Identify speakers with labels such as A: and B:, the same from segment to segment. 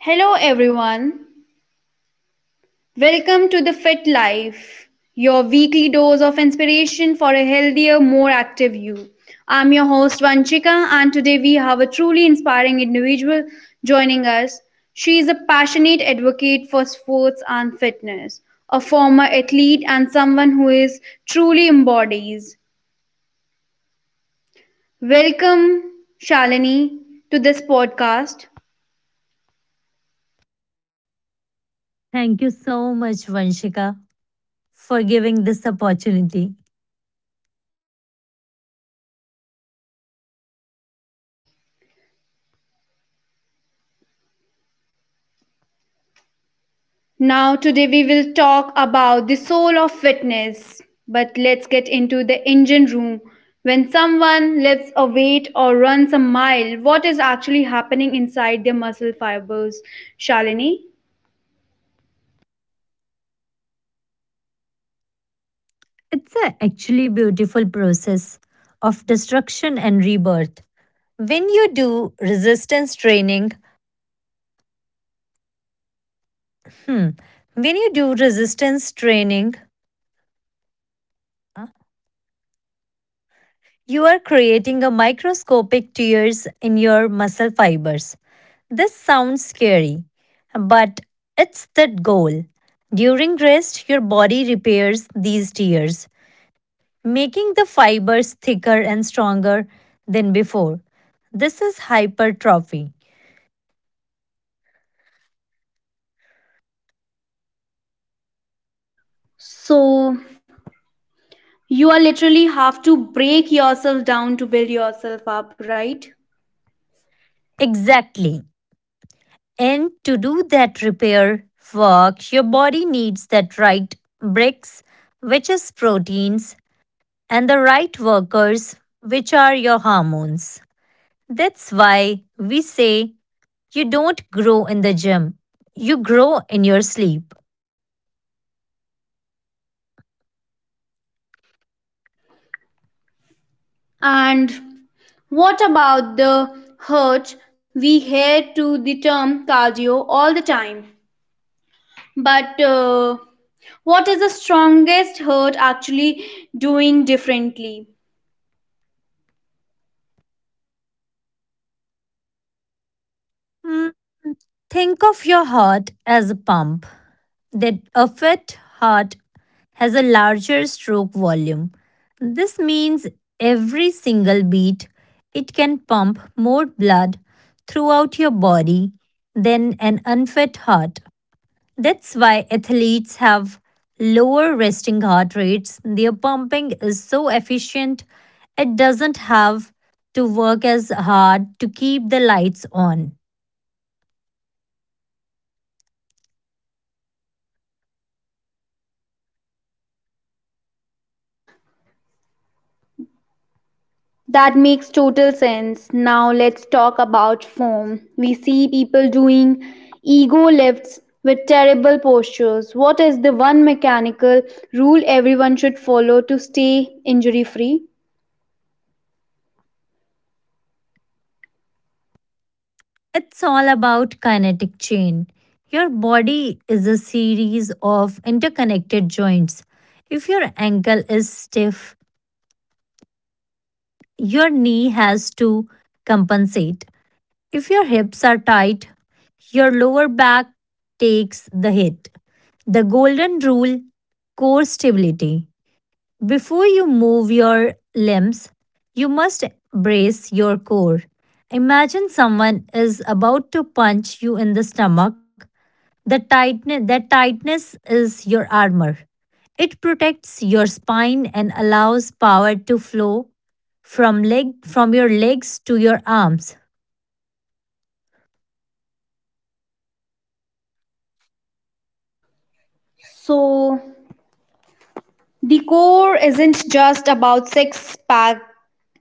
A: Hello, everyone. Welcome to the Fit Life, your weekly dose of inspiration for a healthier, more active you. I'm your host, Vanchika, and today we have a truly inspiring individual joining us. She is a passionate advocate for sports and fitness, a former athlete, and someone who is truly embodies. Welcome, Shalini, to this podcast.
B: Thank you so much, Vanshika, for giving this opportunity.
A: Now, today we will talk about the soul of fitness. But let's get into the engine room. When someone lifts a weight or runs a mile, what is actually happening inside their muscle fibers? Shalini?
B: It's a actually beautiful process of destruction and rebirth. When you do resistance training, when you do resistance training, you are creating a microscopic tears in your muscle fibers. This sounds scary, but it's the goal. During rest, your body repairs these tears, making the fibers thicker and stronger than before. This is hypertrophy.
A: So, you are literally have to break yourself down to build yourself up, right?
B: Exactly. And to do that repair work, your body needs that right bricks, which is proteins, and the right workers, which are your hormones. That's why we say you don't grow in the gym, you grow in your sleep.
A: And what about the hurt? We hear to the term cardio all the time. But what is the strongest hurt actually doing differently?
B: Hmm, Think of your heart as a pump, that a fit heart has a larger stroke volume. This means every single beat it can pump more blood throughout your body than an unfit heart. That's why athletes have lower resting heart rates. Their pumping is so efficient, it doesn't have to work as hard to keep the lights on.
A: That makes total sense. Now, let's talk about form. We see people doing ego lifts with terrible postures. What is the one mechanical rule everyone should follow to stay injury free?
B: It's all about kinetic chain. Your body is a series of interconnected joints. If your ankle is stiff, your knee has to compensate. If your hips are tight, your lower back takes the hit. The golden rule, core stability. Before you move your limbs, you must brace your core. Imagine someone is about to punch you in the stomach. The tightness, that tightness is your armor. It protects your spine and allows power to flow from your legs to your arms.
A: So, the core isn't just about six pack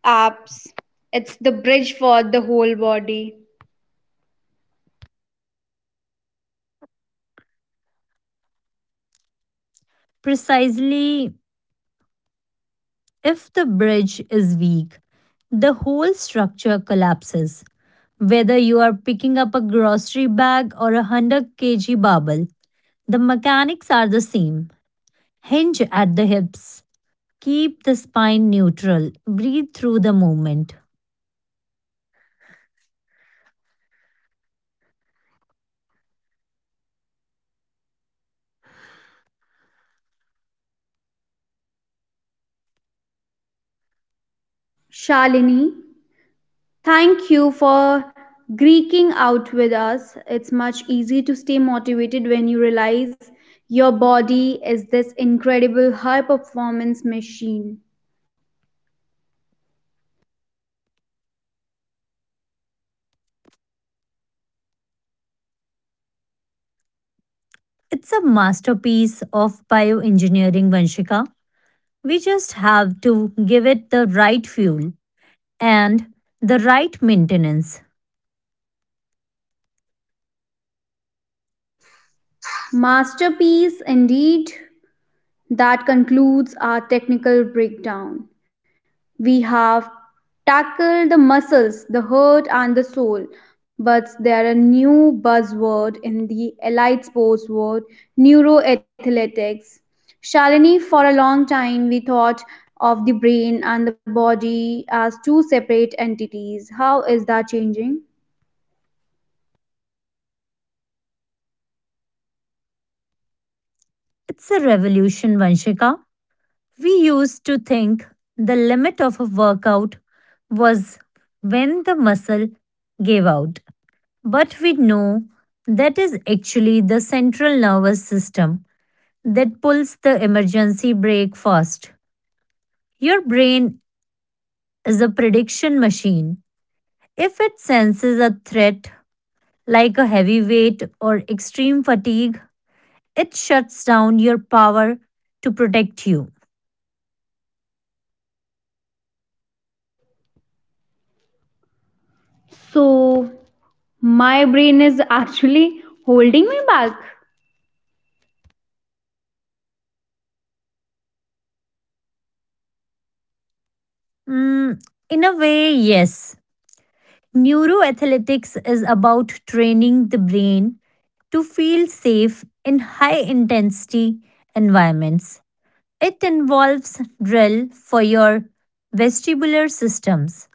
A: abs, it's the bridge for the whole body.
B: Precisely, if the bridge is weak, the whole structure collapses. Whether you are picking up a grocery bag or a 100 kg barbell, the mechanics are the same. Hinge at the hips. Keep the spine neutral. Breathe through the movement.
A: Shalini, thank you for greeking out with us. It's much easier to stay motivated when you realize your body is this incredible high performance machine.
B: It's a masterpiece of bioengineering, Vanshika. We just have to give it the right fuel and the right maintenance.
A: Masterpiece indeed. That concludes our technical breakdown. We have tackled the muscles, the heart, and the soul, but there are new buzzword in the allied sports world: neuroathletics. Shalini, for a long time, we thought of the brain and the body as two separate entities. How is that changing?
B: It's a revolution, Vanshika. We used to think the limit of a workout was when the muscle gave out. But we know that is actually the central nervous system that pulls the emergency brake first. Your brain is a prediction machine. If it senses a threat like a heavy weight or extreme fatigue, it shuts down your power to protect you.
A: So, my brain is actually holding me back.
B: Mm, in a way, yes. Neuroathletics is about training the brain to feel safe in high intensity environments. It involves drill for your vestibular systems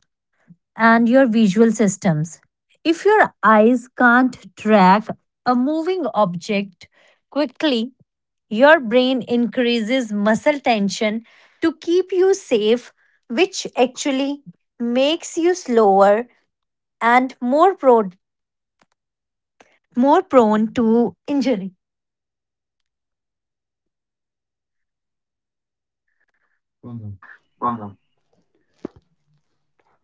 B: and your visual systems. If your eyes can't track a moving object quickly, your brain increases muscle tension to keep you safe, which actually makes you slower and more prone to injury.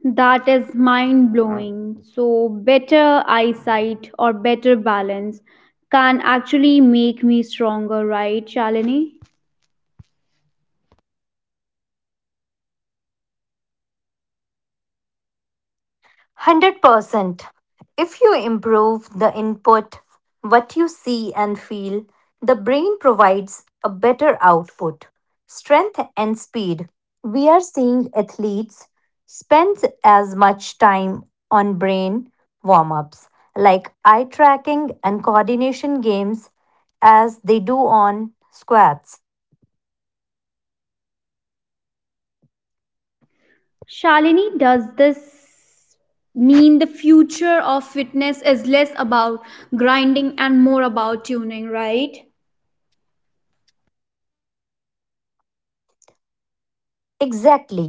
A: That is mind blowing. So, better eyesight or better balance can actually make me stronger, right, Shalini?
B: 100%. If you improve the input, what you see and feel, the brain provides a better output, strength, and speed. We are seeing athletes spend as much time on brain warm ups, like eye tracking and coordination games, as they do on squats.
A: Shalini, does this mean the future of fitness is less about grinding and more about tuning, right?
B: Exactly.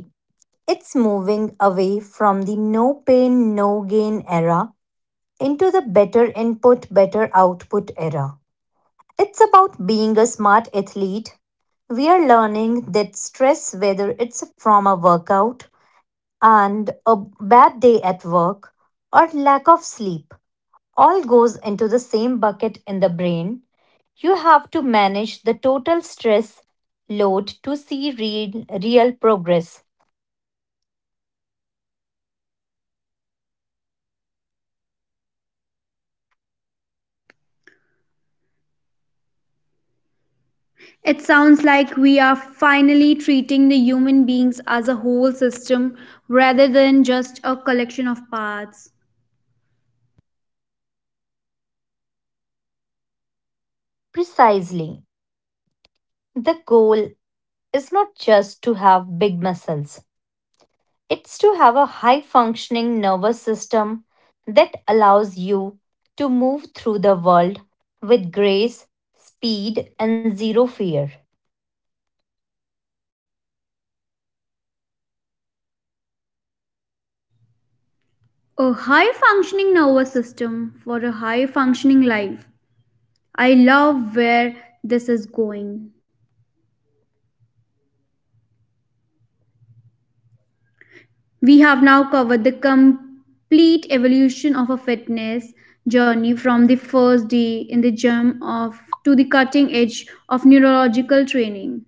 B: It's moving away from the no pain, no gain era into the better input, better output era. It's about being a smart athlete. We are learning that stress, whether it's from a workout and a bad day at work or lack of sleep, all goes into the same bucket in the brain. You have to manage the total stress load to see real progress.
A: It sounds like we are finally treating the human beings as a whole system rather than just a collection of parts.
B: Precisely. The goal is not just to have big muscles. It's to have a high functioning nervous system that allows you to move through the world with grace, speed, and zero fear.
A: A high functioning nervous system for a high functioning life. I love where this is going. We have now covered the complete evolution of a fitness journey from the first day in the gym of to the cutting edge of neurological training.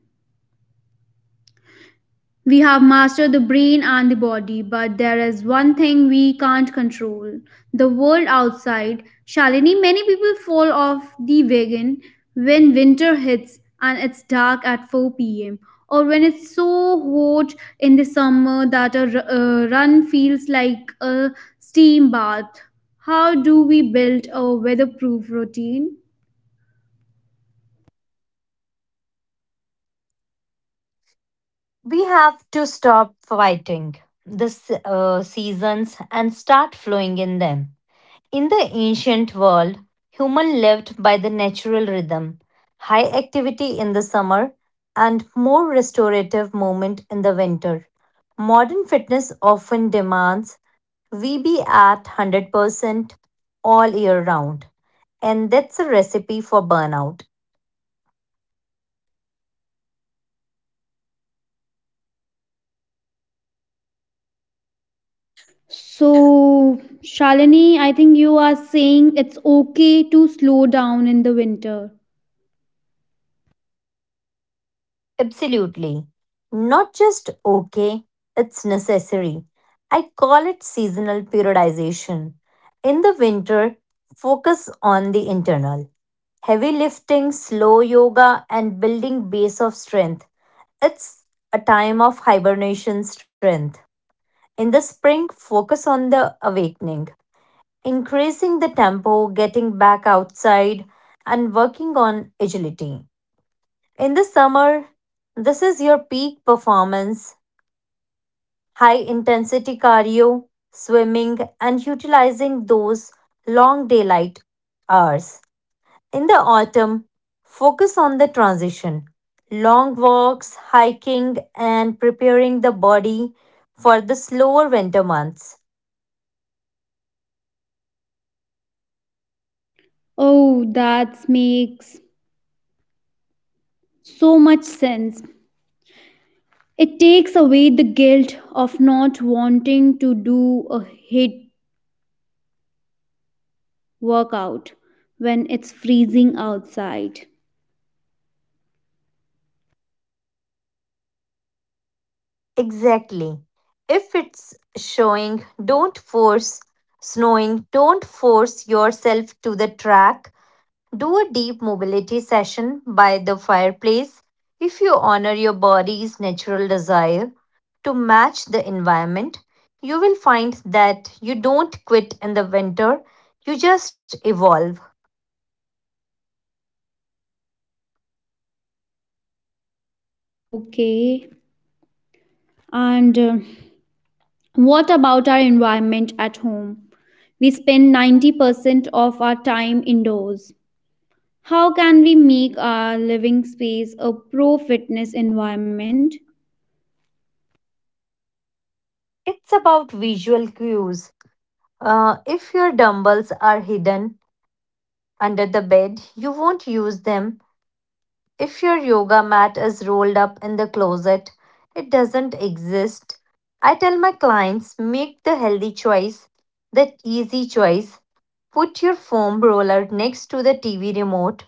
A: We have mastered the brain and the body, but there is one thing we can't control, the world outside. Shalini, many people fall off the wagon when winter hits and it's dark at 4 p.m., or when it's so hot in the summer that a run feels like a steam bath. How do we build a weatherproof routine?
B: We have to stop fighting the seasons and start flowing in them. In the ancient world, human lived by the natural rhythm, high activity in the summer and more restorative movement in the winter. Modern fitness often demands we be at 100% all year round. And that's a recipe for burnout.
A: So, Shalini, I think you are saying it's okay to slow down in the winter.
B: Absolutely. Not just okay, it's necessary. I call it seasonal periodization. In the winter, focus on the internal. Heavy lifting, slow yoga, and building base of strength. It's a time of hibernation strength. In the spring, focus on the awakening, increasing the tempo, getting back outside, and working on agility. In the summer, this is your peak performance, high intensity cardio, swimming, and utilizing those long daylight hours. In the autumn, focus on the transition, long walks, hiking, and preparing the body for the slower winter months.
A: Oh, that makes so much sense. It takes away the guilt of not wanting to do a hit workout when it's freezing outside.
B: Exactly. If it's showing, don't force snowing, don't force yourself to the track. Do a deep mobility session by the fireplace if you honor your body's natural desire to match the environment. You will find that you don't quit in the winter, you just evolve.
A: Okay. And what about our environment at home? We spend 90% of our time indoors. How can we make our living space a pro fitness environment?
B: It's about visual cues. If your dumbbells are hidden under the bed, you won't use them. If your yoga mat is rolled up in the closet, it doesn't exist. I tell my clients, make the healthy choice, the easy choice. Put your foam roller next to the TV remote.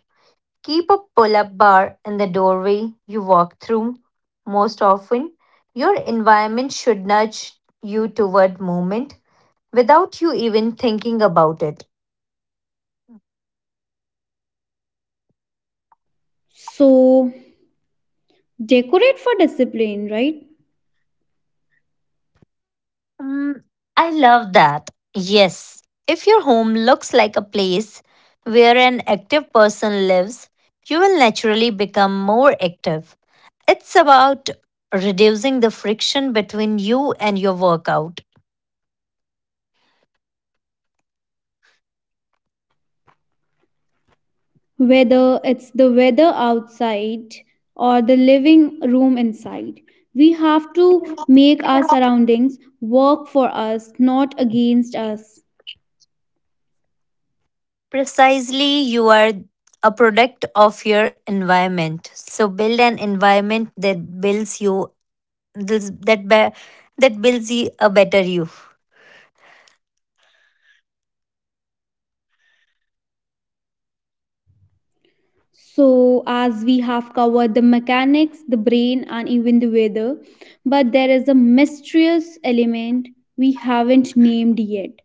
B: Keep a pull up bar in the doorway you walk through. Most often, your environment should nudge you toward movement without you even thinking about it.
A: So, decorate for discipline, right?
B: Mm, I love that. Yes. If your home looks like a place where an active person lives, you will naturally become more active. It's about reducing the friction between you and your workout.
A: Whether it's the weather outside or the living room inside, we have to make our surroundings work for us, not against us.
B: Precisely, you are a product of your environment. So build an environment that builds you, that be- that builds you a better you.
A: So, as we have covered the mechanics, the brain, and even the weather, but there is a mysterious element we haven't named yet.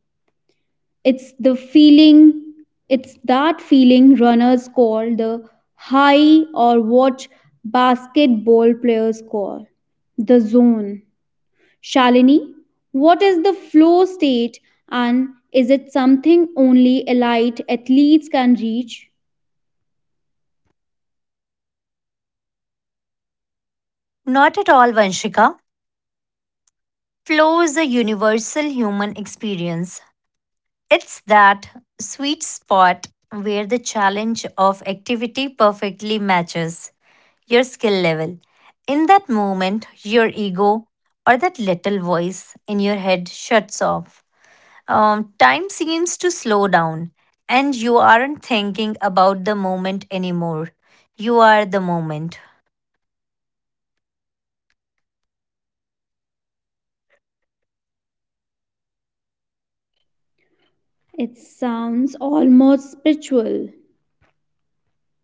A: It's the feeling, it's that feeling runners call the high or what basketball players call the zone. Shalini, what is the flow state and is it something only elite athletes can reach?
B: Not at all, Vanshika. Flow is a universal human experience. It's that sweet spot where the challenge of activity perfectly matches your skill level. In that moment, your ego or that little voice in your head shuts off. Time seems to slow down, and you aren't thinking about the moment anymore. You are the moment.
A: It sounds almost spiritual.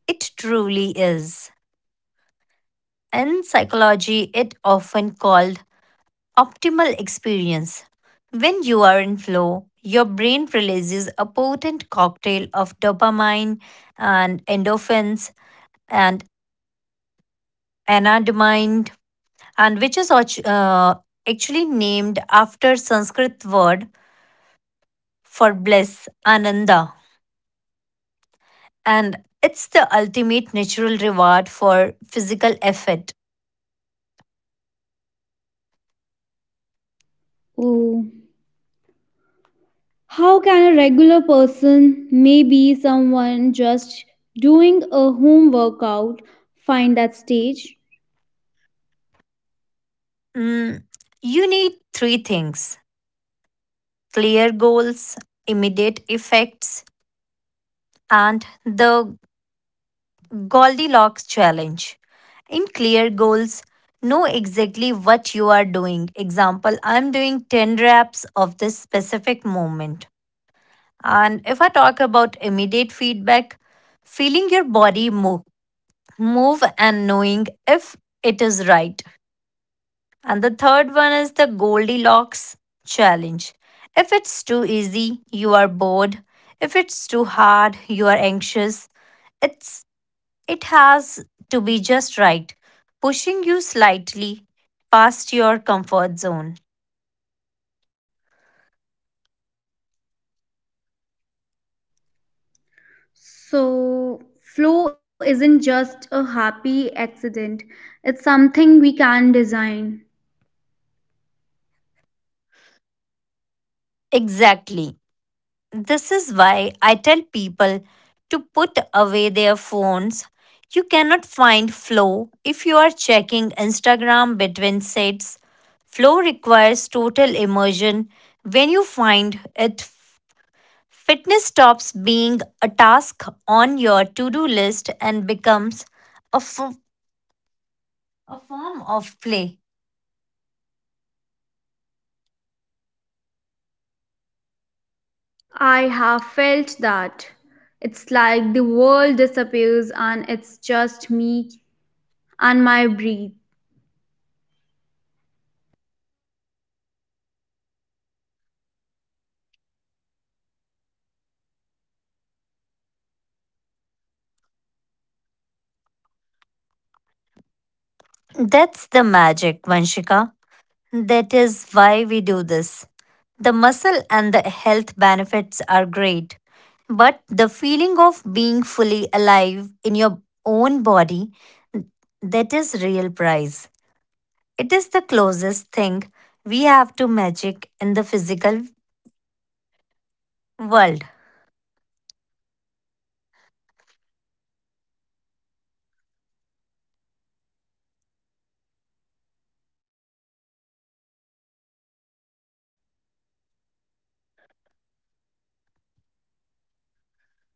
B: It truly is. In psychology, it often called optimal experience. When you are in flow, your brain releases a potent cocktail of dopamine and endorphins and anandamide, and which is actually named after Sanskrit word for bliss, ananda, and it's the ultimate natural reward for physical effort.
A: Oh, how can a regular person, maybe someone just doing a home workout, find that stage?
B: Mm, you need three things: clear goals, immediate effects, and the Goldilocks challenge. In clear goals, know exactly what you are doing. Example, I'm doing 10 reps of this specific movement. And if I talk about immediate feedback, feeling your body move and knowing if it is right. And the third one is the Goldilocks challenge. If it's too easy, you are bored. If it's too hard, you are anxious. It's it has to be just right, pushing you slightly past your comfort zone.
A: So, flow isn't just a happy accident, it's something we can design.
B: Exactly. This is why I tell people to put away their phones. You cannot find flow if you are checking Instagram between sets. Flow requires total immersion. When you find it, fitness stops being a task on your to do list and becomes a f- a form of play.
A: I have felt that. It's like the world disappears and it's just me and my breath.
B: That's the magic, Vanshika. That is why we do this. The muscle and the health benefits are great, but the feeling of being fully alive in your own body, that is real prize. It is the closest thing we have to magic in the physical world.
A: Oh, fully alive in your own body? I think that is the ultimate destination for every listeners for this series.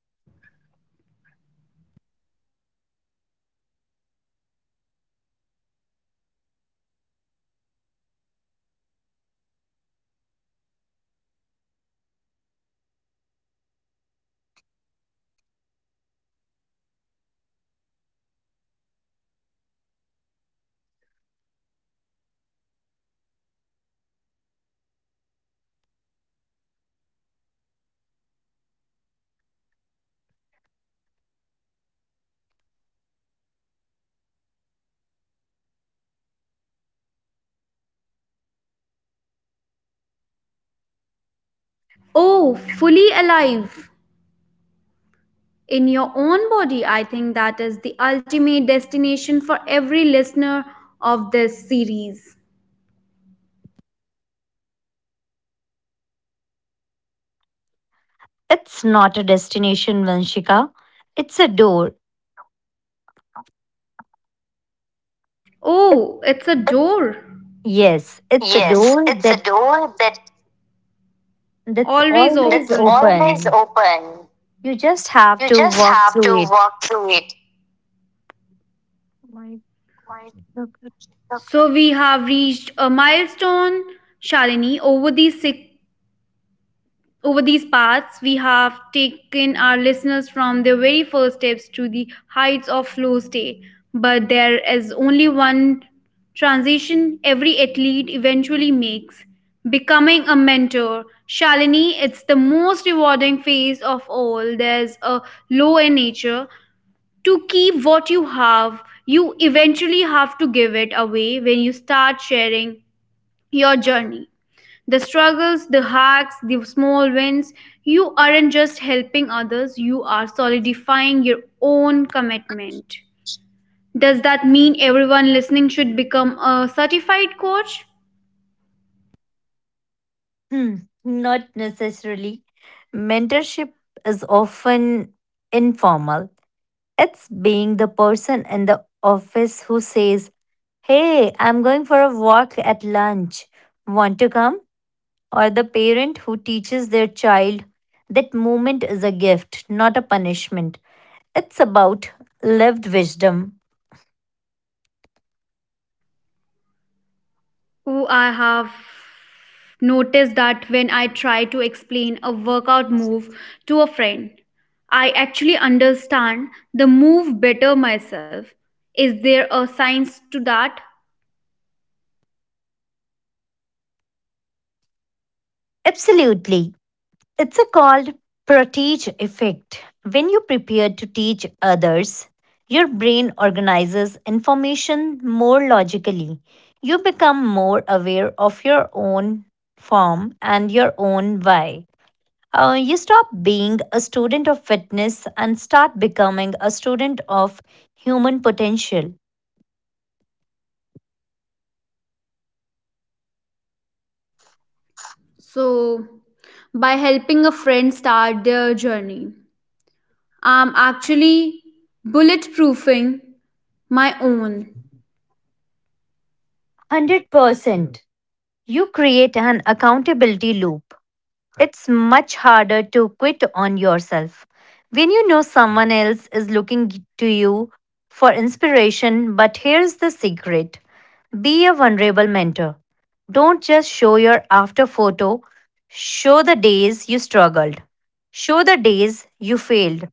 A: Oh, fully alive, in your own body. I think that is the ultimate destination for every listener of this series.
B: It's not a destination, Vanshika. It's a door. It-
A: Oh, it's a door.
B: Yes, it's a
A: Yes,
B: door
A: it's a
B: that
A: door that.
B: that's
A: Always open.
B: always
A: It's always
B: open.
A: open.
B: You just have
A: You
B: to
A: just
B: walk
A: have
B: through
A: to
B: it.
A: walk through it.
B: My God.
A: So, we have reached a milestone, Shalini, over these paths, we have taken our listeners from their very first steps to the heights of flow state. But there is only one transition every athlete eventually makes, becoming a mentor. Shalini, it's the most rewarding phase of all. There's a law in nature, to keep what you have, you eventually have to give it away. When you start sharing your journey, the struggles, the hacks, the small wins, you aren't just helping others, you are solidifying your own commitment. Does that mean everyone listening should become a certified coach?
B: Hmm, Not necessarily. Mentorship is often informal. It's being the person in the office who says, "Hey, I'm going for a walk at lunch. Want to come?" Or the parent who teaches their child that moment is a gift, not a punishment. It's about lived wisdom.
A: Oh, I have noticed that when I try to explain a workout move to a friend, I actually understand the move better myself. Is there a science to that?
B: Absolutely. It's a called proteage effect. When you prepare to teach others, your brain organizes information more logically. You become more aware of your own form and your own why. You stop being a student of fitness and start becoming a student of human potential.
A: So, by helping a friend start their journey, I'm actually bulletproofing my own.
B: 100%. You create an accountability loop. It's much harder to quit on yourself. When you know someone else is looking to you for inspiration, but here's the secret, be a vulnerable mentor. Don't just show your after photo, show the days you struggled, show the days you failed.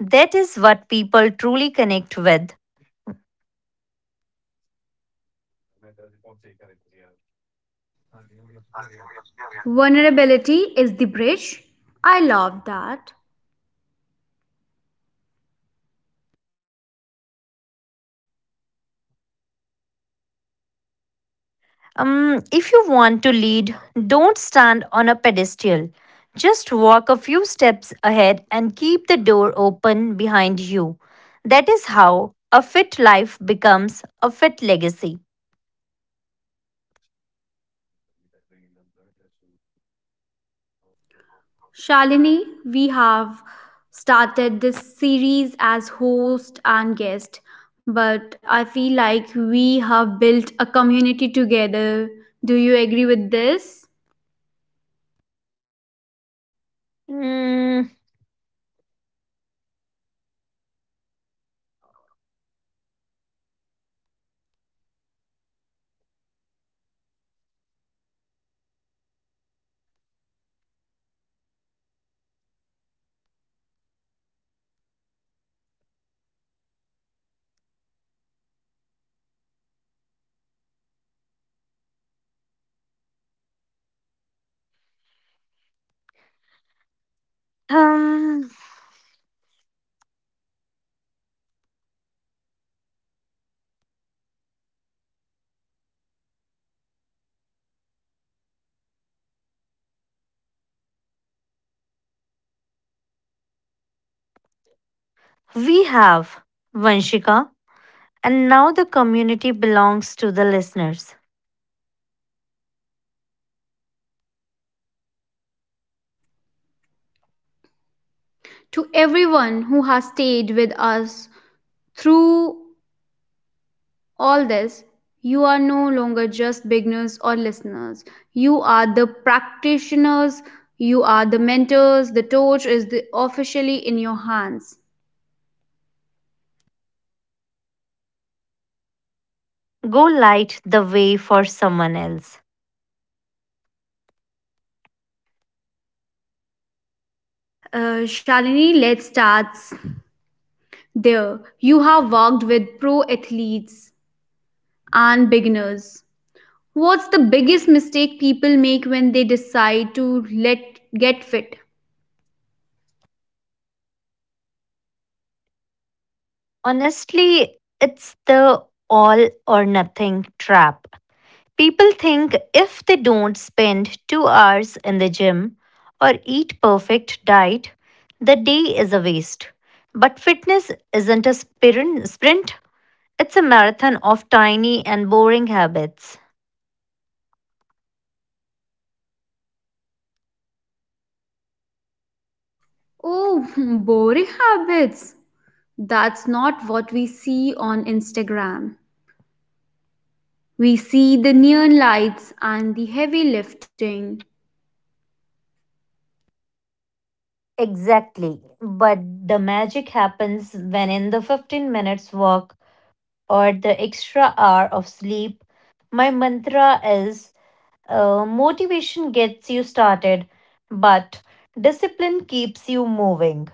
B: That is what people truly connect with.
A: Vulnerability is the bridge. I love that.
B: If you want to lead, don't stand on a pedestal. Just walk a few steps ahead and keep the door open behind you. That is how a fit life becomes a fit legacy.
A: Shalini, we have started this series as host and guest, but I feel like we have built a community together. Do you agree with this?
B: Mm, um, we have, Vanshika, and now the community belongs to the listeners.
A: To everyone who has stayed with us through all this, you are no longer just beginners or listeners. You are the practitioners, you are the mentors, the torch is the officially in your hands.
B: Go light the way for someone else.
A: Shalini, let's start there. You have worked with pro athletes and beginners. What's the biggest mistake people make when they decide to let get fit?
B: Honestly, it's the all or nothing trap. People think if they don't spend 2 hours in the gym or eat perfect diet, the day is a waste. But fitness isn't a sprint, it's a marathon of tiny and boring habits.
A: Oh, boring habits. That's not what we see on Instagram. We see the neon lights and the heavy lifting.
B: Exactly. But the magic happens when in the 15 minutes walk or the extra hour of sleep, my mantra is motivation gets you started, but discipline keeps you moving.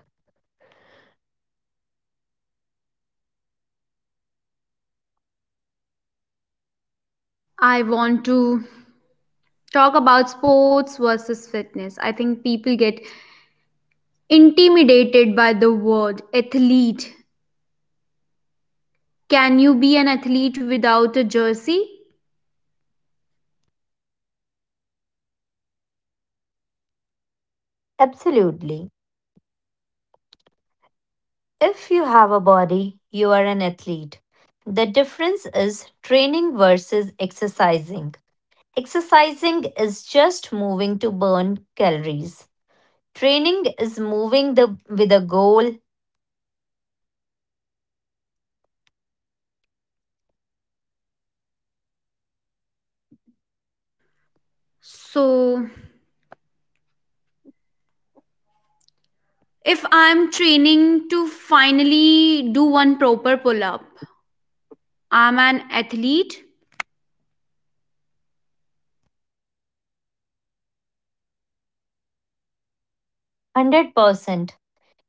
A: I want to talk about sports versus fitness. I think people get intimidated by the word athlete. Can you be an athlete without a jersey?
B: Absolutely. If you have a body, you are an athlete. The difference is training versus exercising. Exercising is just moving to burn calories. Training is moving the, with a goal.
A: So, if I'm training to finally do one proper pull up, I'm an athlete.
B: 100%.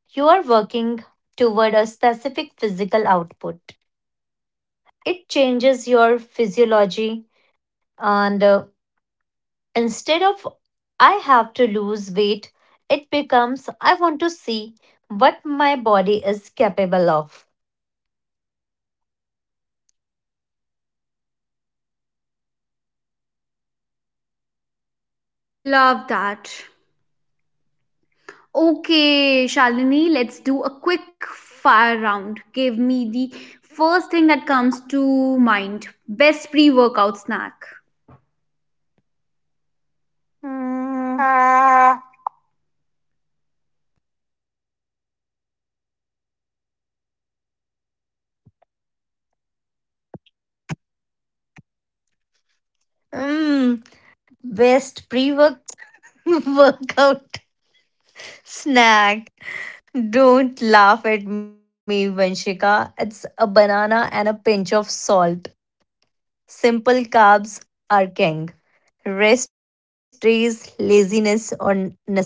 B: You are working toward a specific physical output. It changes your physiology, and instead of I have to lose weight, it becomes I want to see what my body is capable of.
A: Love that. Okay, Shalini, let's do a quick fire round. Give me the first thing that comes to mind. Best pre workout snack.
B: Hmm.
A: Uh,
B: Hmm. Best pre workout snack. Don't laugh at me, Vanshika. It's a banana and a pinch of salt. Simple carbs are king. Rest days, laziness, or necessary.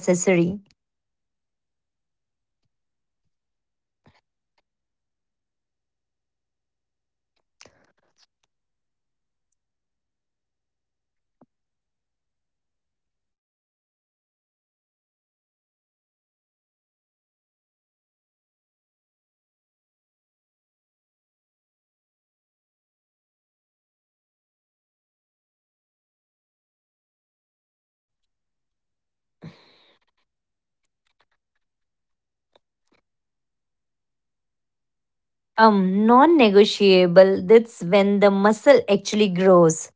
B: Non negotiable. That's when the muscle actually grows.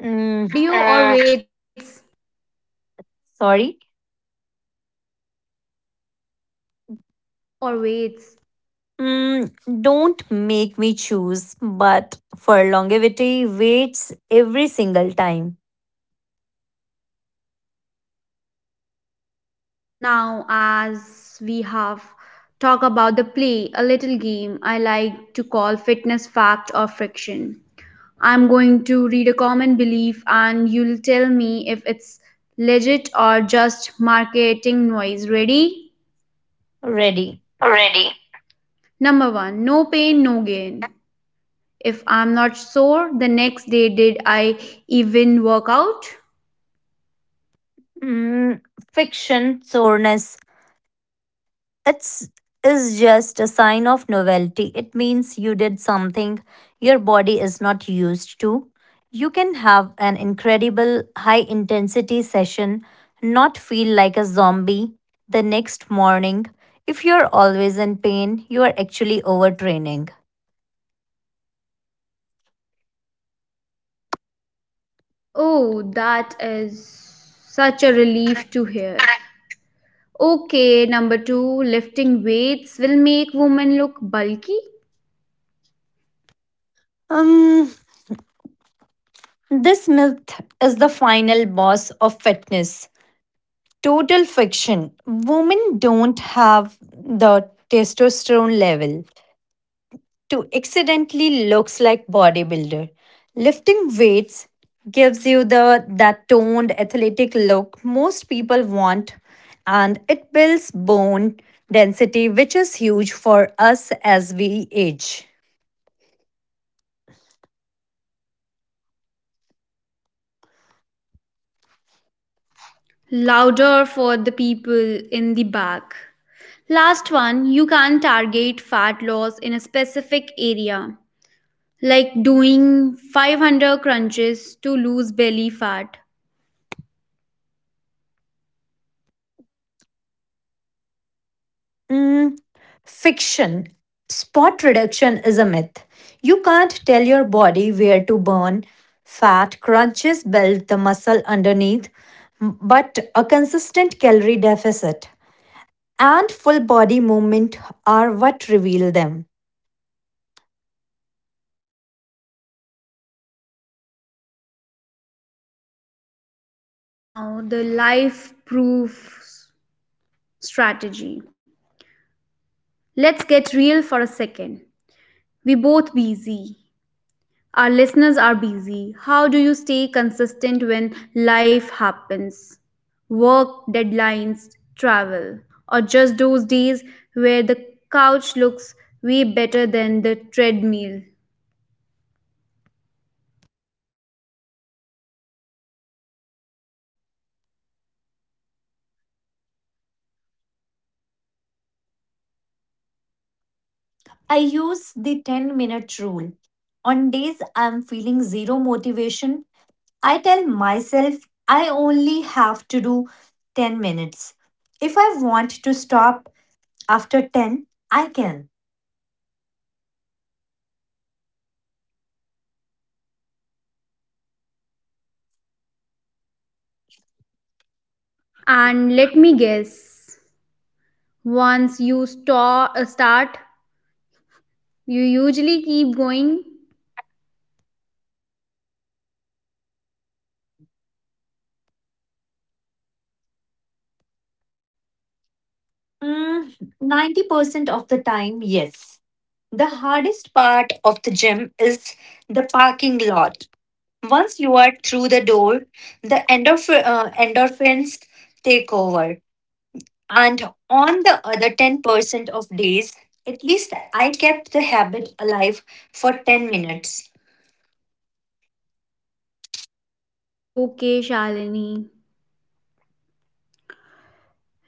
B: Mm,
A: Cardio or weights?
B: sorry.
A: Cardio or weights?
B: Mm, don't make me choose, but for longevity, waits every single time.
A: Now, as we have talked about the play, a little game I like to call fitness fact or friction. I'm going to read a common belief and you'll tell me if it's legit or just marketing noise. Ready?
B: Ready.
A: Ready. Number one, no pain, no gain. If I'm not sore, the next day did I even work out?
B: Mm, Fiction soreness. It's is just a sign of novelty. It means you did something your body is not used to. You can have an incredible high intensity session, not feel like a zombie the next morning. If you're always in pain, you are actually overtraining.
A: Oh, that is such a relief to hear. Okay, number two, lifting weights will make women look bulky.
B: Um, this myth is the final boss of fitness. Total fiction. Women don't have the testosterone level to accidentally looks like bodybuilder. Lifting weights gives you the that toned athletic look most people want, and it builds bone density, which is huge for us as we age.
A: Louder for the people in the back. Last one, you can target fat loss in a specific area, like doing 500 crunches to lose belly fat.
B: Mm, Fiction. Spot reduction is a myth. You can't tell your body where to burn. Fat crunches build the muscle underneath, but a consistent calorie deficit and full body movement are what reveal them.
A: Now, the life proof strategy. Let's get real for a second. We're both busy. Our listeners are busy. How do you stay consistent when life happens? Work, deadlines, travel, or just those days where the couch looks way better than the treadmill.
B: I use the 10-minute rule. On days I'm feeling zero motivation, I tell myself I only have to do 10 minutes. If I want to stop, after 10, I can.
A: And let me guess, once you start, you usually keep going.
B: Mm, 90% of the time, yes. The hardest part of the gym is the parking lot. Once you are through the door, the endorphins take over. And on the other 10% of days, at least I kept the habit alive for 10 minutes.
A: Okay, Shalini,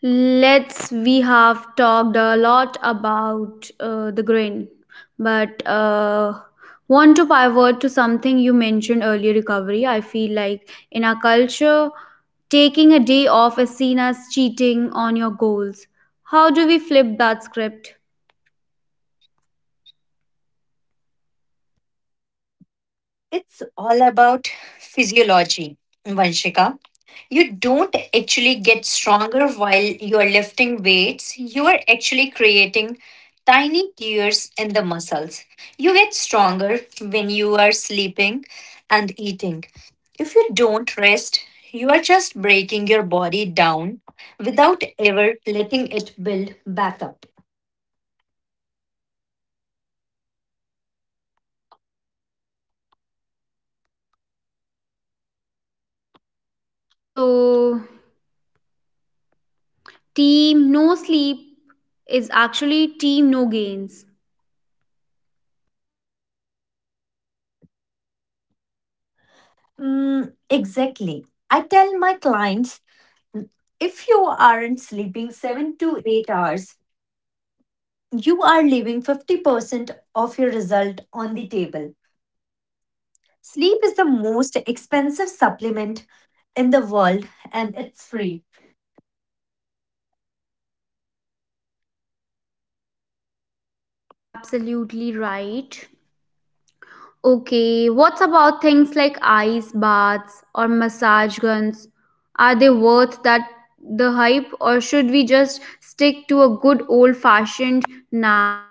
A: let's we have talked a lot about the grain, but want to pivot to something you mentioned earlier. Recovery. I feel like in our culture, taking a day off is seen as cheating on your goals. How do we flip that script?
B: It's all about physiology, Vanshika. You don't actually get stronger while you are lifting weights. You are actually creating tiny tears in the muscles. You get stronger when you are sleeping and eating. If you don't rest, you are just breaking your body down without ever letting it build back up.
A: So, team no sleep is actually team no gains?
B: Exactly. I tell my clients, if you aren't sleeping 7 to 8 hours, you are leaving 50% of your result on the table. Sleep is the most expensive supplement in the world, and it's free.
A: Absolutely right. Okay, what's about things like ice baths or massage guns? Are they worth that the hype or should we just stick to a good old fashioned nap?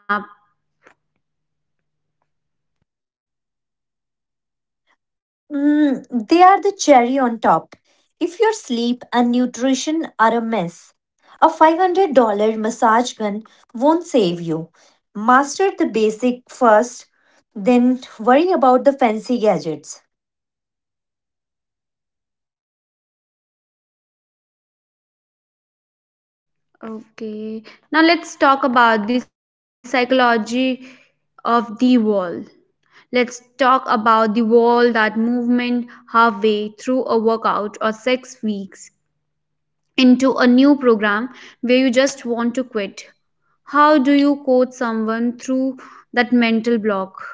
B: They are the cherry on top. If your sleep and nutrition are a mess, a $500 massage gun won't save you. Master the basic first, then worry about the fancy gadgets.
A: Okay. Now, let's talk about the psychology of the wall. Let's talk about the wall, that movement halfway through a workout or 6 weeks into a new program, where you just want to quit? How do you coach someone through that mental block?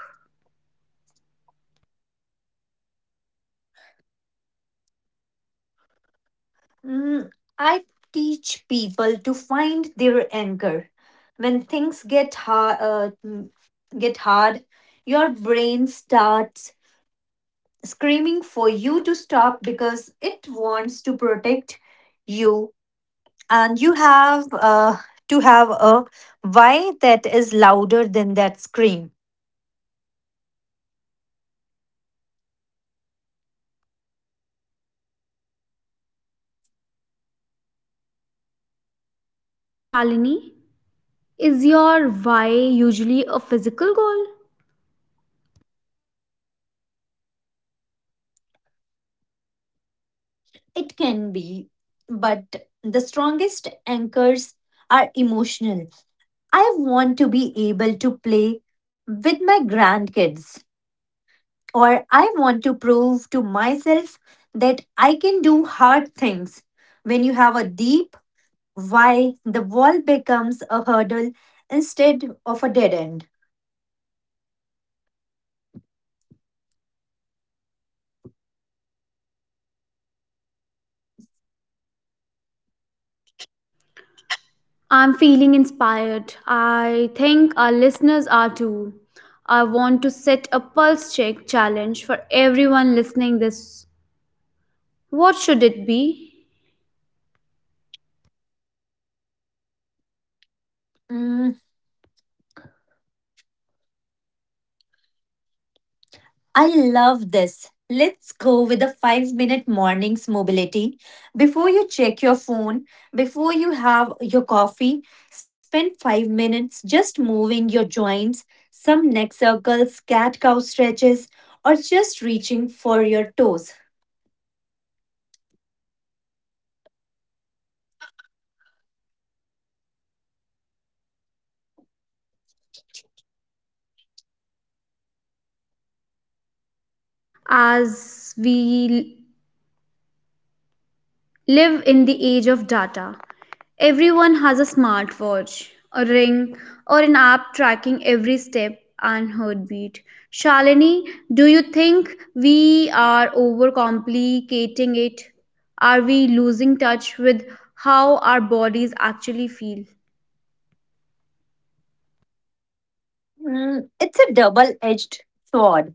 B: Mm, I teach people to find their anchor. When things get hard, your brain starts screaming for you to stop because it wants to protect you, and you have to have a why that is louder than that scream.
A: Shalini, is your why usually a physical goal?
B: It can be, but the strongest anchors are emotional. I want to be able to play with my grandkids, or I want to prove to myself that I can do hard things. When you have a deep why, the wall becomes a hurdle instead of a dead end.
A: Okay, Shalini. I'm feeling inspired. I think our listeners are too. I want to set a pulse check challenge for everyone listening this. What should it be?
B: Mm, I love this. Let's go with a 5 minute mornings mobility. Before you check your phone, before you have your coffee, spend 5 minutes just moving your joints, some neck circles, cat cow stretches, or just reaching for your toes.
A: As we live in the age of data. Everyone has a smartwatch, a ring, or an app tracking every step and heartbeat. Shalini, do you think we are overcomplicating it? Are we losing touch with how our bodies actually feel?
B: It's a double edged sword.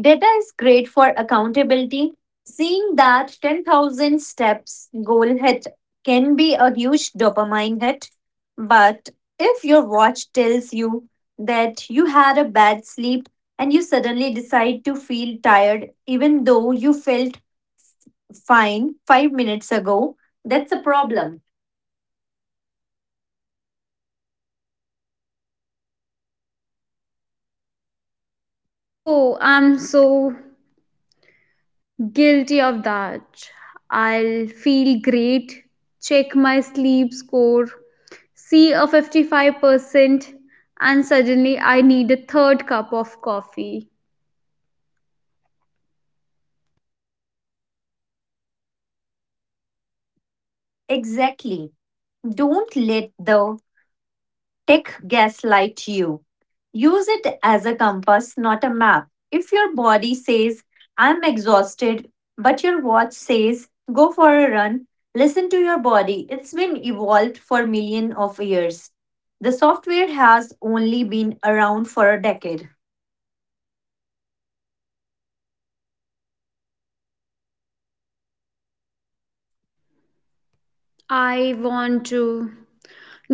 B: Data is great for accountability. Seeing that 10,000 steps goal hit can be a huge dopamine hit. But if your watch tells you that you had a bad sleep and you suddenly decide to feel tired, even though you felt fine 5 minutes ago, that's a problem.
A: Oh, I'm so guilty of that. I'll feel great, check my sleep score, see a 55%, and suddenly I need a third cup of coffee.
B: Exactly. Don't let the tech gaslight you. Use it as a compass, not a map. If your body says, I'm exhausted, but your watch says, go for a run, listen to your body. It's been evolved for millions of years. The software has only been around for a decade.
A: I want to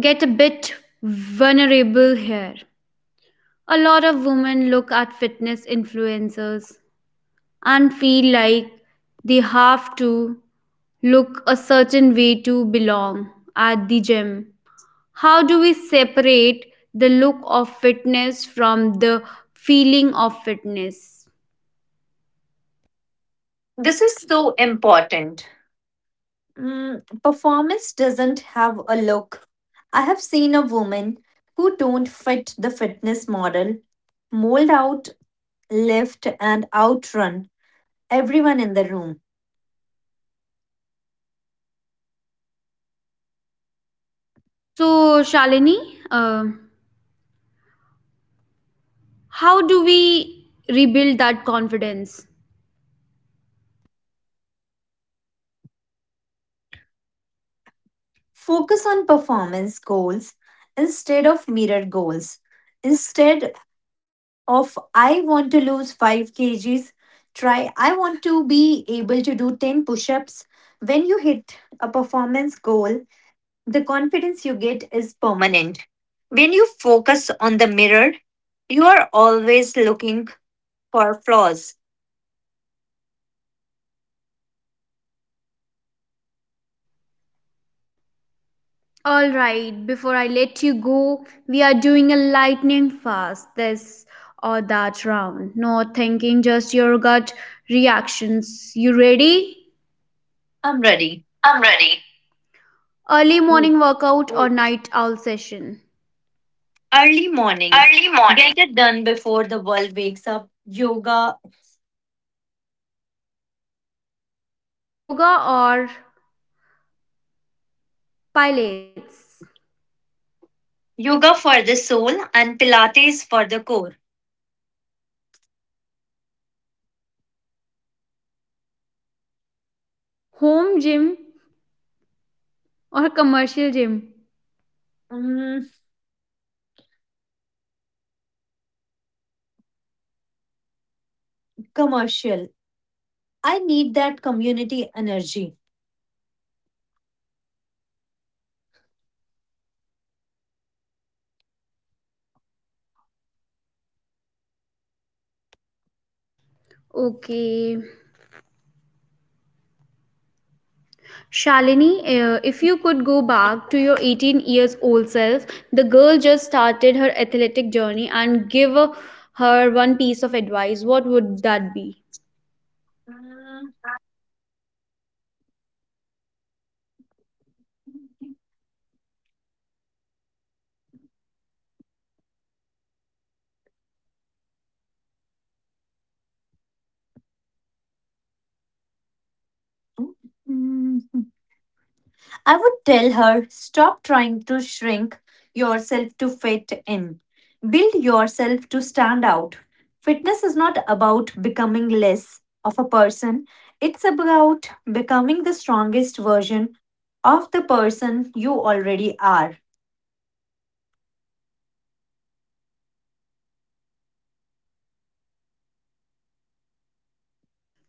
A: get a bit vulnerable here. A lot of women look at fitness influencers and feel like they have to look a certain way to belong at the gym. How do we separate the look of fitness from the feeling of fitness?
B: This is so important. Performance doesn't have a look. I have seen a woman who don't fit the fitness model, mold out, lift, and outrun everyone in the room.
A: So, Shalini, how do we rebuild that confidence?
B: Focus on performance goals instead of mirror goals. Instead of I want to lose 5 kgs, try I want to be able to do 10 push ups. When you hit a performance goal, the confidence you get is permanent. When you focus on the mirror, you are always looking for flaws.
A: Alright, before I let you go, we are doing a lightning fast this or that round. No thinking, just your gut reactions. You ready?
B: I'm ready.
A: I'm ready. Early morning workout or night owl session?
B: Early morning.
A: Early morning.
B: Get it done before the world wakes up. Yoga.
A: Yoga or pilates?
B: Yoga for the soul and Pilates for the core.
A: Home gym or commercial gym?
B: Mm, Commercial. I need that community energy.
A: Okay. Shalini, if you could go back to your 18 years old self, the girl just started her athletic journey, and give her one piece of advice, what would that be?
B: Mm, mm, I would tell her stop trying to shrink yourself to fit in. Build yourself to stand out. Fitness is not about becoming less of a person, it's about becoming the strongest version of the person you already are.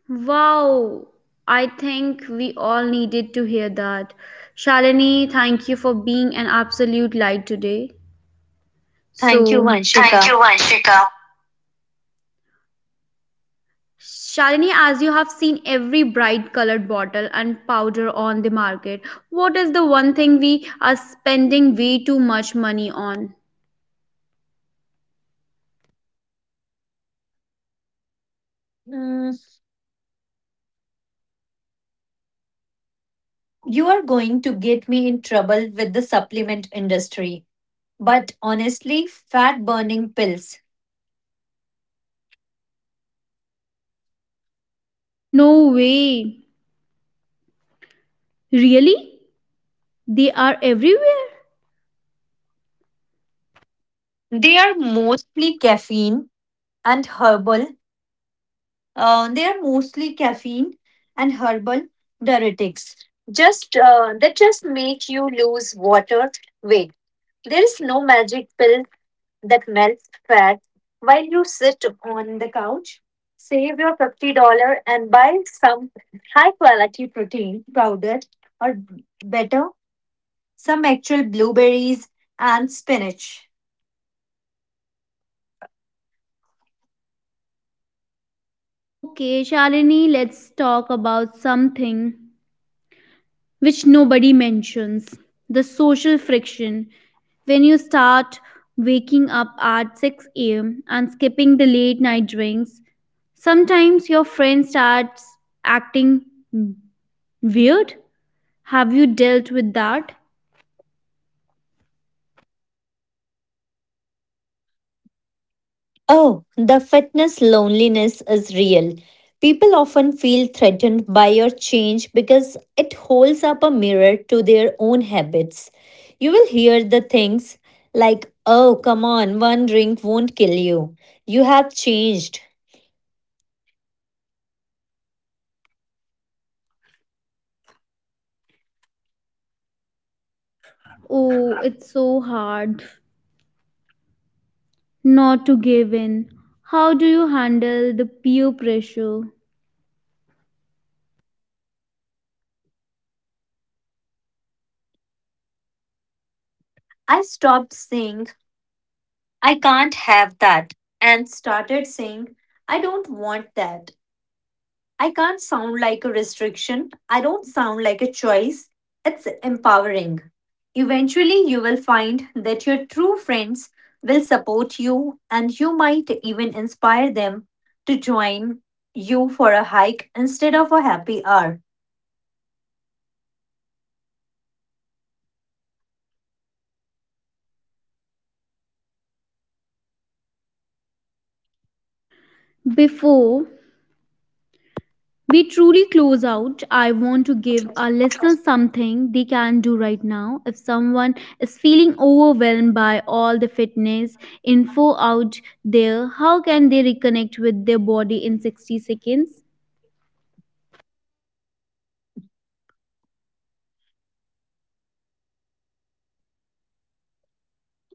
A: Wow, I think we all needed to hear that. Shalini, thank you for being an absolute light today.
B: Thank you,
A: So, thank
B: Vanshika.
A: you, Vanshika. Shalini, as you have seen every bright colored bottle and powder on the market, what is the one thing we are spending way too much money on?
B: Mm, you are going to get me in trouble with the supplement industry. But honestly, fat burning pills.
A: No way. Really? They are everywhere?
B: They are mostly caffeine and herbal they are mostly caffeine and herbal diuretics. Just That just make you lose water weight. There is no magic pill that melts fat while you sit on the couch. Save your $50 and buy some high quality protein powder or better, some actual blueberries and spinach.
A: Okay, Shalini, let's talk about something which nobody mentions, the social friction when you start waking up at 6 a.m. and skipping the late night drinks. Sometimes your friend starts acting weird. Have you dealt with that?
B: Oh, the fitness loneliness is real. People often feel threatened by your change because it holds up a mirror to their own habits. You will hear the things like, oh, come on, one drink won't kill you. You have changed.
A: Oh, it's so hard not to give in. How do you handle the peer pressure?
B: I stopped saying, I can't have that, and started saying, I don't want that. I can't sound like a restriction. I don't sound like a choice. It's empowering. Eventually, you will find that your true friends will support you, and you might even inspire them to join you for a hike instead of a happy hour.
A: Before we truly close out, I want to give our listeners something they can do right now. If someone is feeling overwhelmed by all the fitness info out there, how can they reconnect with their body in 60 seconds?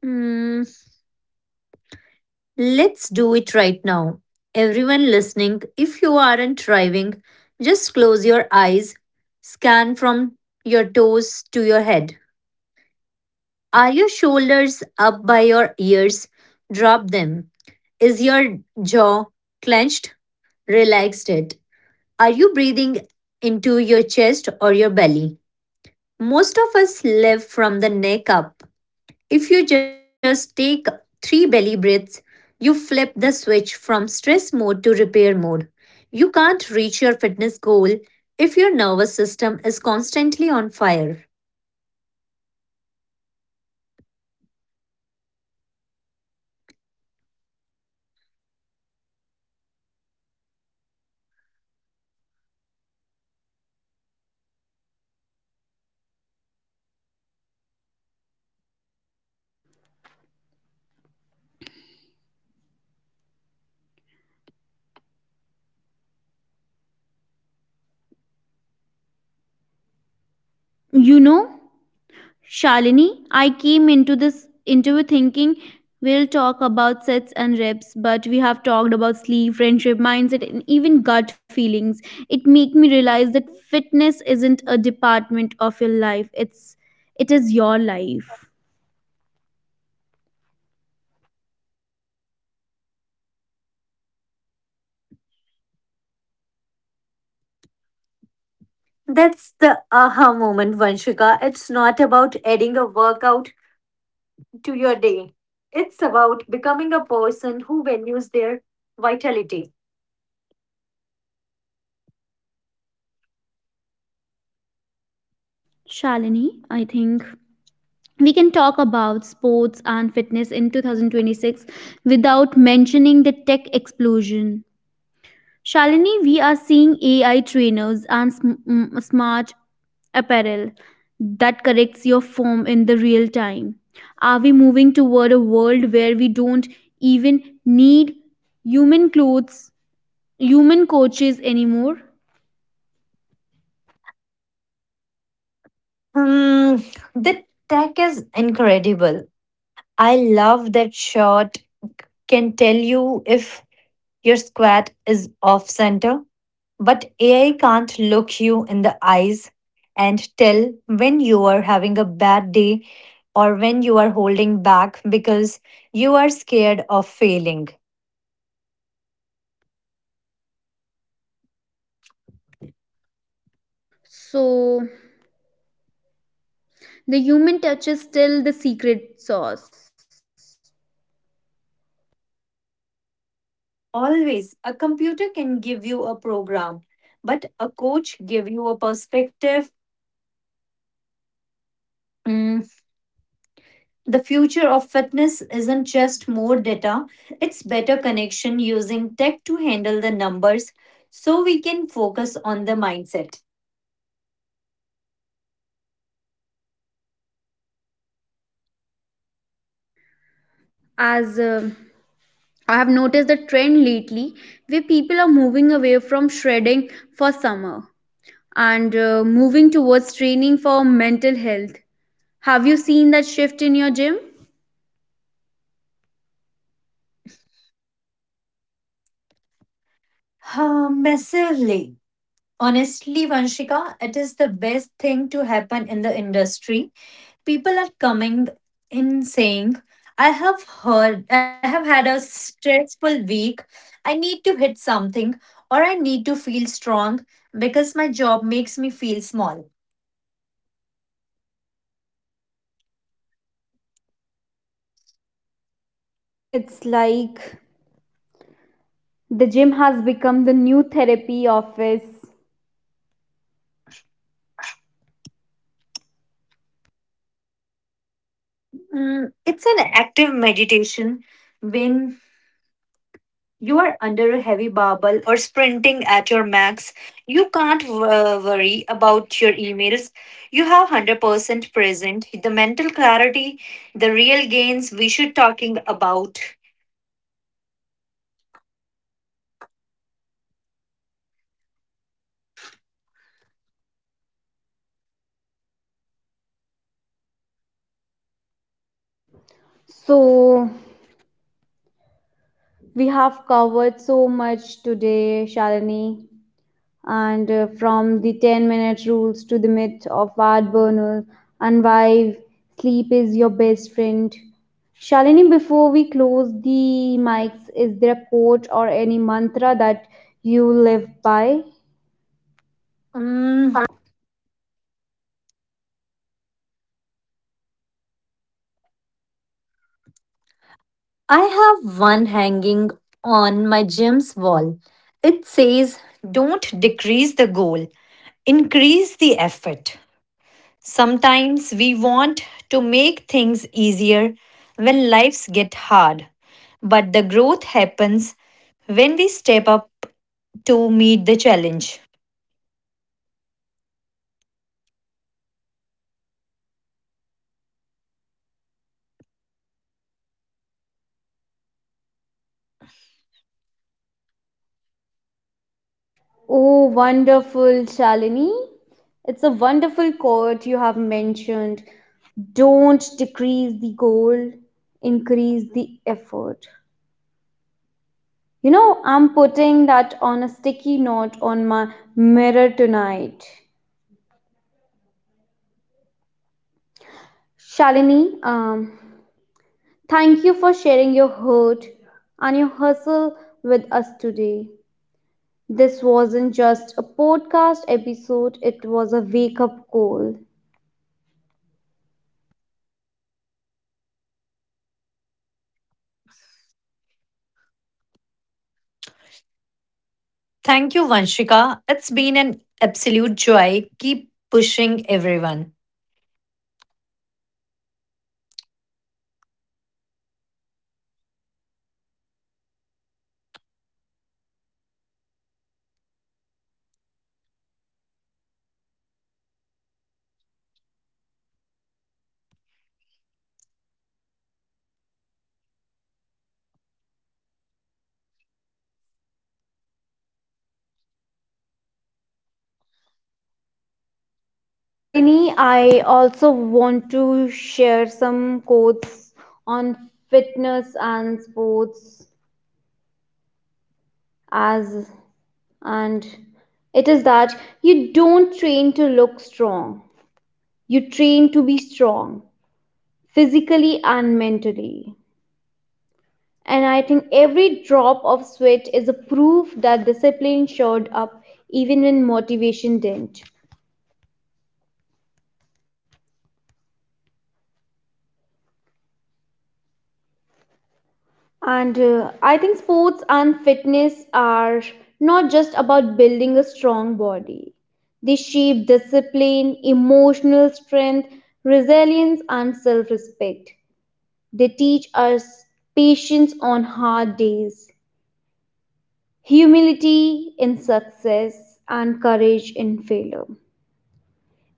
B: Hmm, let's do it right now. Everyone listening, if you aren't driving, just close your eyes, scan from your toes to your head. Are your shoulders up by your ears? Drop them. Is your jaw clenched? Relaxed it. Are you breathing into your chest or your belly? Most of us live from the neck up. If you just take three belly breaths, you flip the switch from stress mode to repair mode. You can't reach your fitness goal if your nervous system is constantly on fire.
A: You know, Shalini, I came into this interview thinking we'll talk about sets and reps, but we have talked about sleep, friendship, mindset, and even gut feelings. It made me realize that fitness isn't a department of your life. It is your life.
B: That's the aha moment, Vanshika. It's not about adding a workout to your day. It's about becoming a person who values their vitality.
A: Shalini, I think we can talk about sports and fitness in 2026 without mentioning the tech explosion. Shalini, we are seeing AI trainers and smart apparel that corrects your form in the real time. Are we moving toward a world where we don't even need human clothes, human coaches anymore?
B: Hmm, the tech is incredible. I love that shot can tell you if your squat is off center. But AI can't look you in the eyes and tell when you are having a bad day or when you are holding back because you are scared of failing.
A: So, the human touch is still the secret sauce.
B: Always, a computer can give you a program, but a coach give you a perspective. Mm, The future of fitness isn't just more data, it's better connection using tech to handle the numbers so we can focus on the mindset.
A: As I have noticed the trend lately where people are moving away from shredding for summer and moving towards training for mental health. Have you seen that shift in your gym?
B: Ah, massively. Honestly, Vanshika, it is the best thing to happen in the industry. People are coming in saying, I have heard, I have had a stressful week. I need to hit something or I need to feel strong because my job makes me feel small.
A: It's like the gym has become the new therapy office.
B: It's an active meditation when you are under a heavy barbell or sprinting at your max, you can't worry about your emails. You have 100% present the mental clarity, the real gains we should talking about.
A: So, we have covered so much today, Shalini, and from the 10-minute rules to the myth of fat burners and why sleep is your best friend. Shalini, before we close the mics, is there a quote or any mantra that you live by?
B: Mm, I have one hanging on my gym's wall. It says, don't decrease the goal, increase the effort. Sometimes we want to make things easier when lives get hard, but the growth happens when we step up to meet the challenge.
A: Oh, wonderful, Shalini. It's a wonderful quote you have mentioned. Don't decrease the goal, increase the effort. You know, I'm putting that on a sticky note on my mirror tonight. Shalini, thank you for sharing your hurt and your hustle with us today. This wasn't just a podcast episode, it was a wake up call.
B: Thank you, Vanshika. It's been an absolute joy. Keep pushing everyone.
A: Shalini, I also want to share some quotes on fitness and sports, as and it is that you don't train to look strong, you train to be strong, physically and mentally, and I think every drop of sweat is a proof that discipline showed up even when motivation didn't. And I think sports and fitness are not just about building a strong body, they shape discipline, emotional strength, resilience and self-respect. They teach us patience on hard days, humility in success, and courage in failure.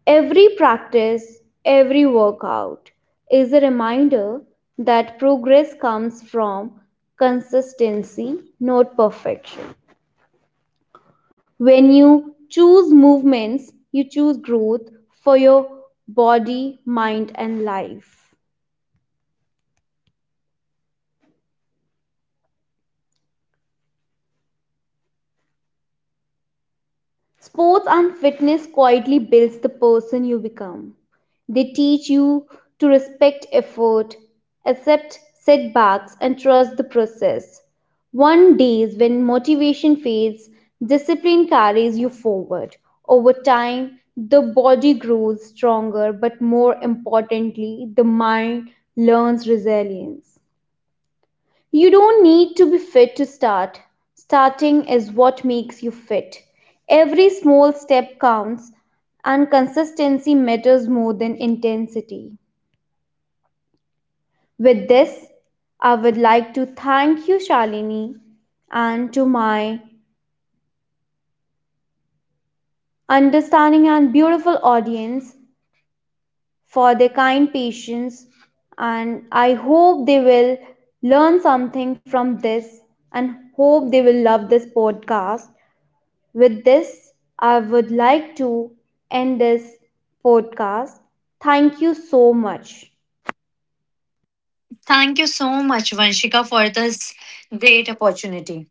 A: Every practice, every workout is a reminder that progress comes from consistency, not perfection. When you choose movements, you choose growth for your body, mind, and life. Sports and fitness quietly builds the person you become. They teach you to respect effort, accept setbacks and trust the process. One days when motivation fades, discipline carries you forward. Over time, the body grows stronger, but more importantly, the mind learns resilience. You don't need to be fit to start. Starting is what makes you fit. Every small step counts, and consistency matters more than intensity. With this, I would like to thank you, Shalini, and to my understanding and beautiful audience for their kind patience. And I hope they will learn something from this and hope they will love this podcast. With this, I would like to end this podcast. Thank you so much.
B: Thank you so much, Vanshika, for this great opportunity.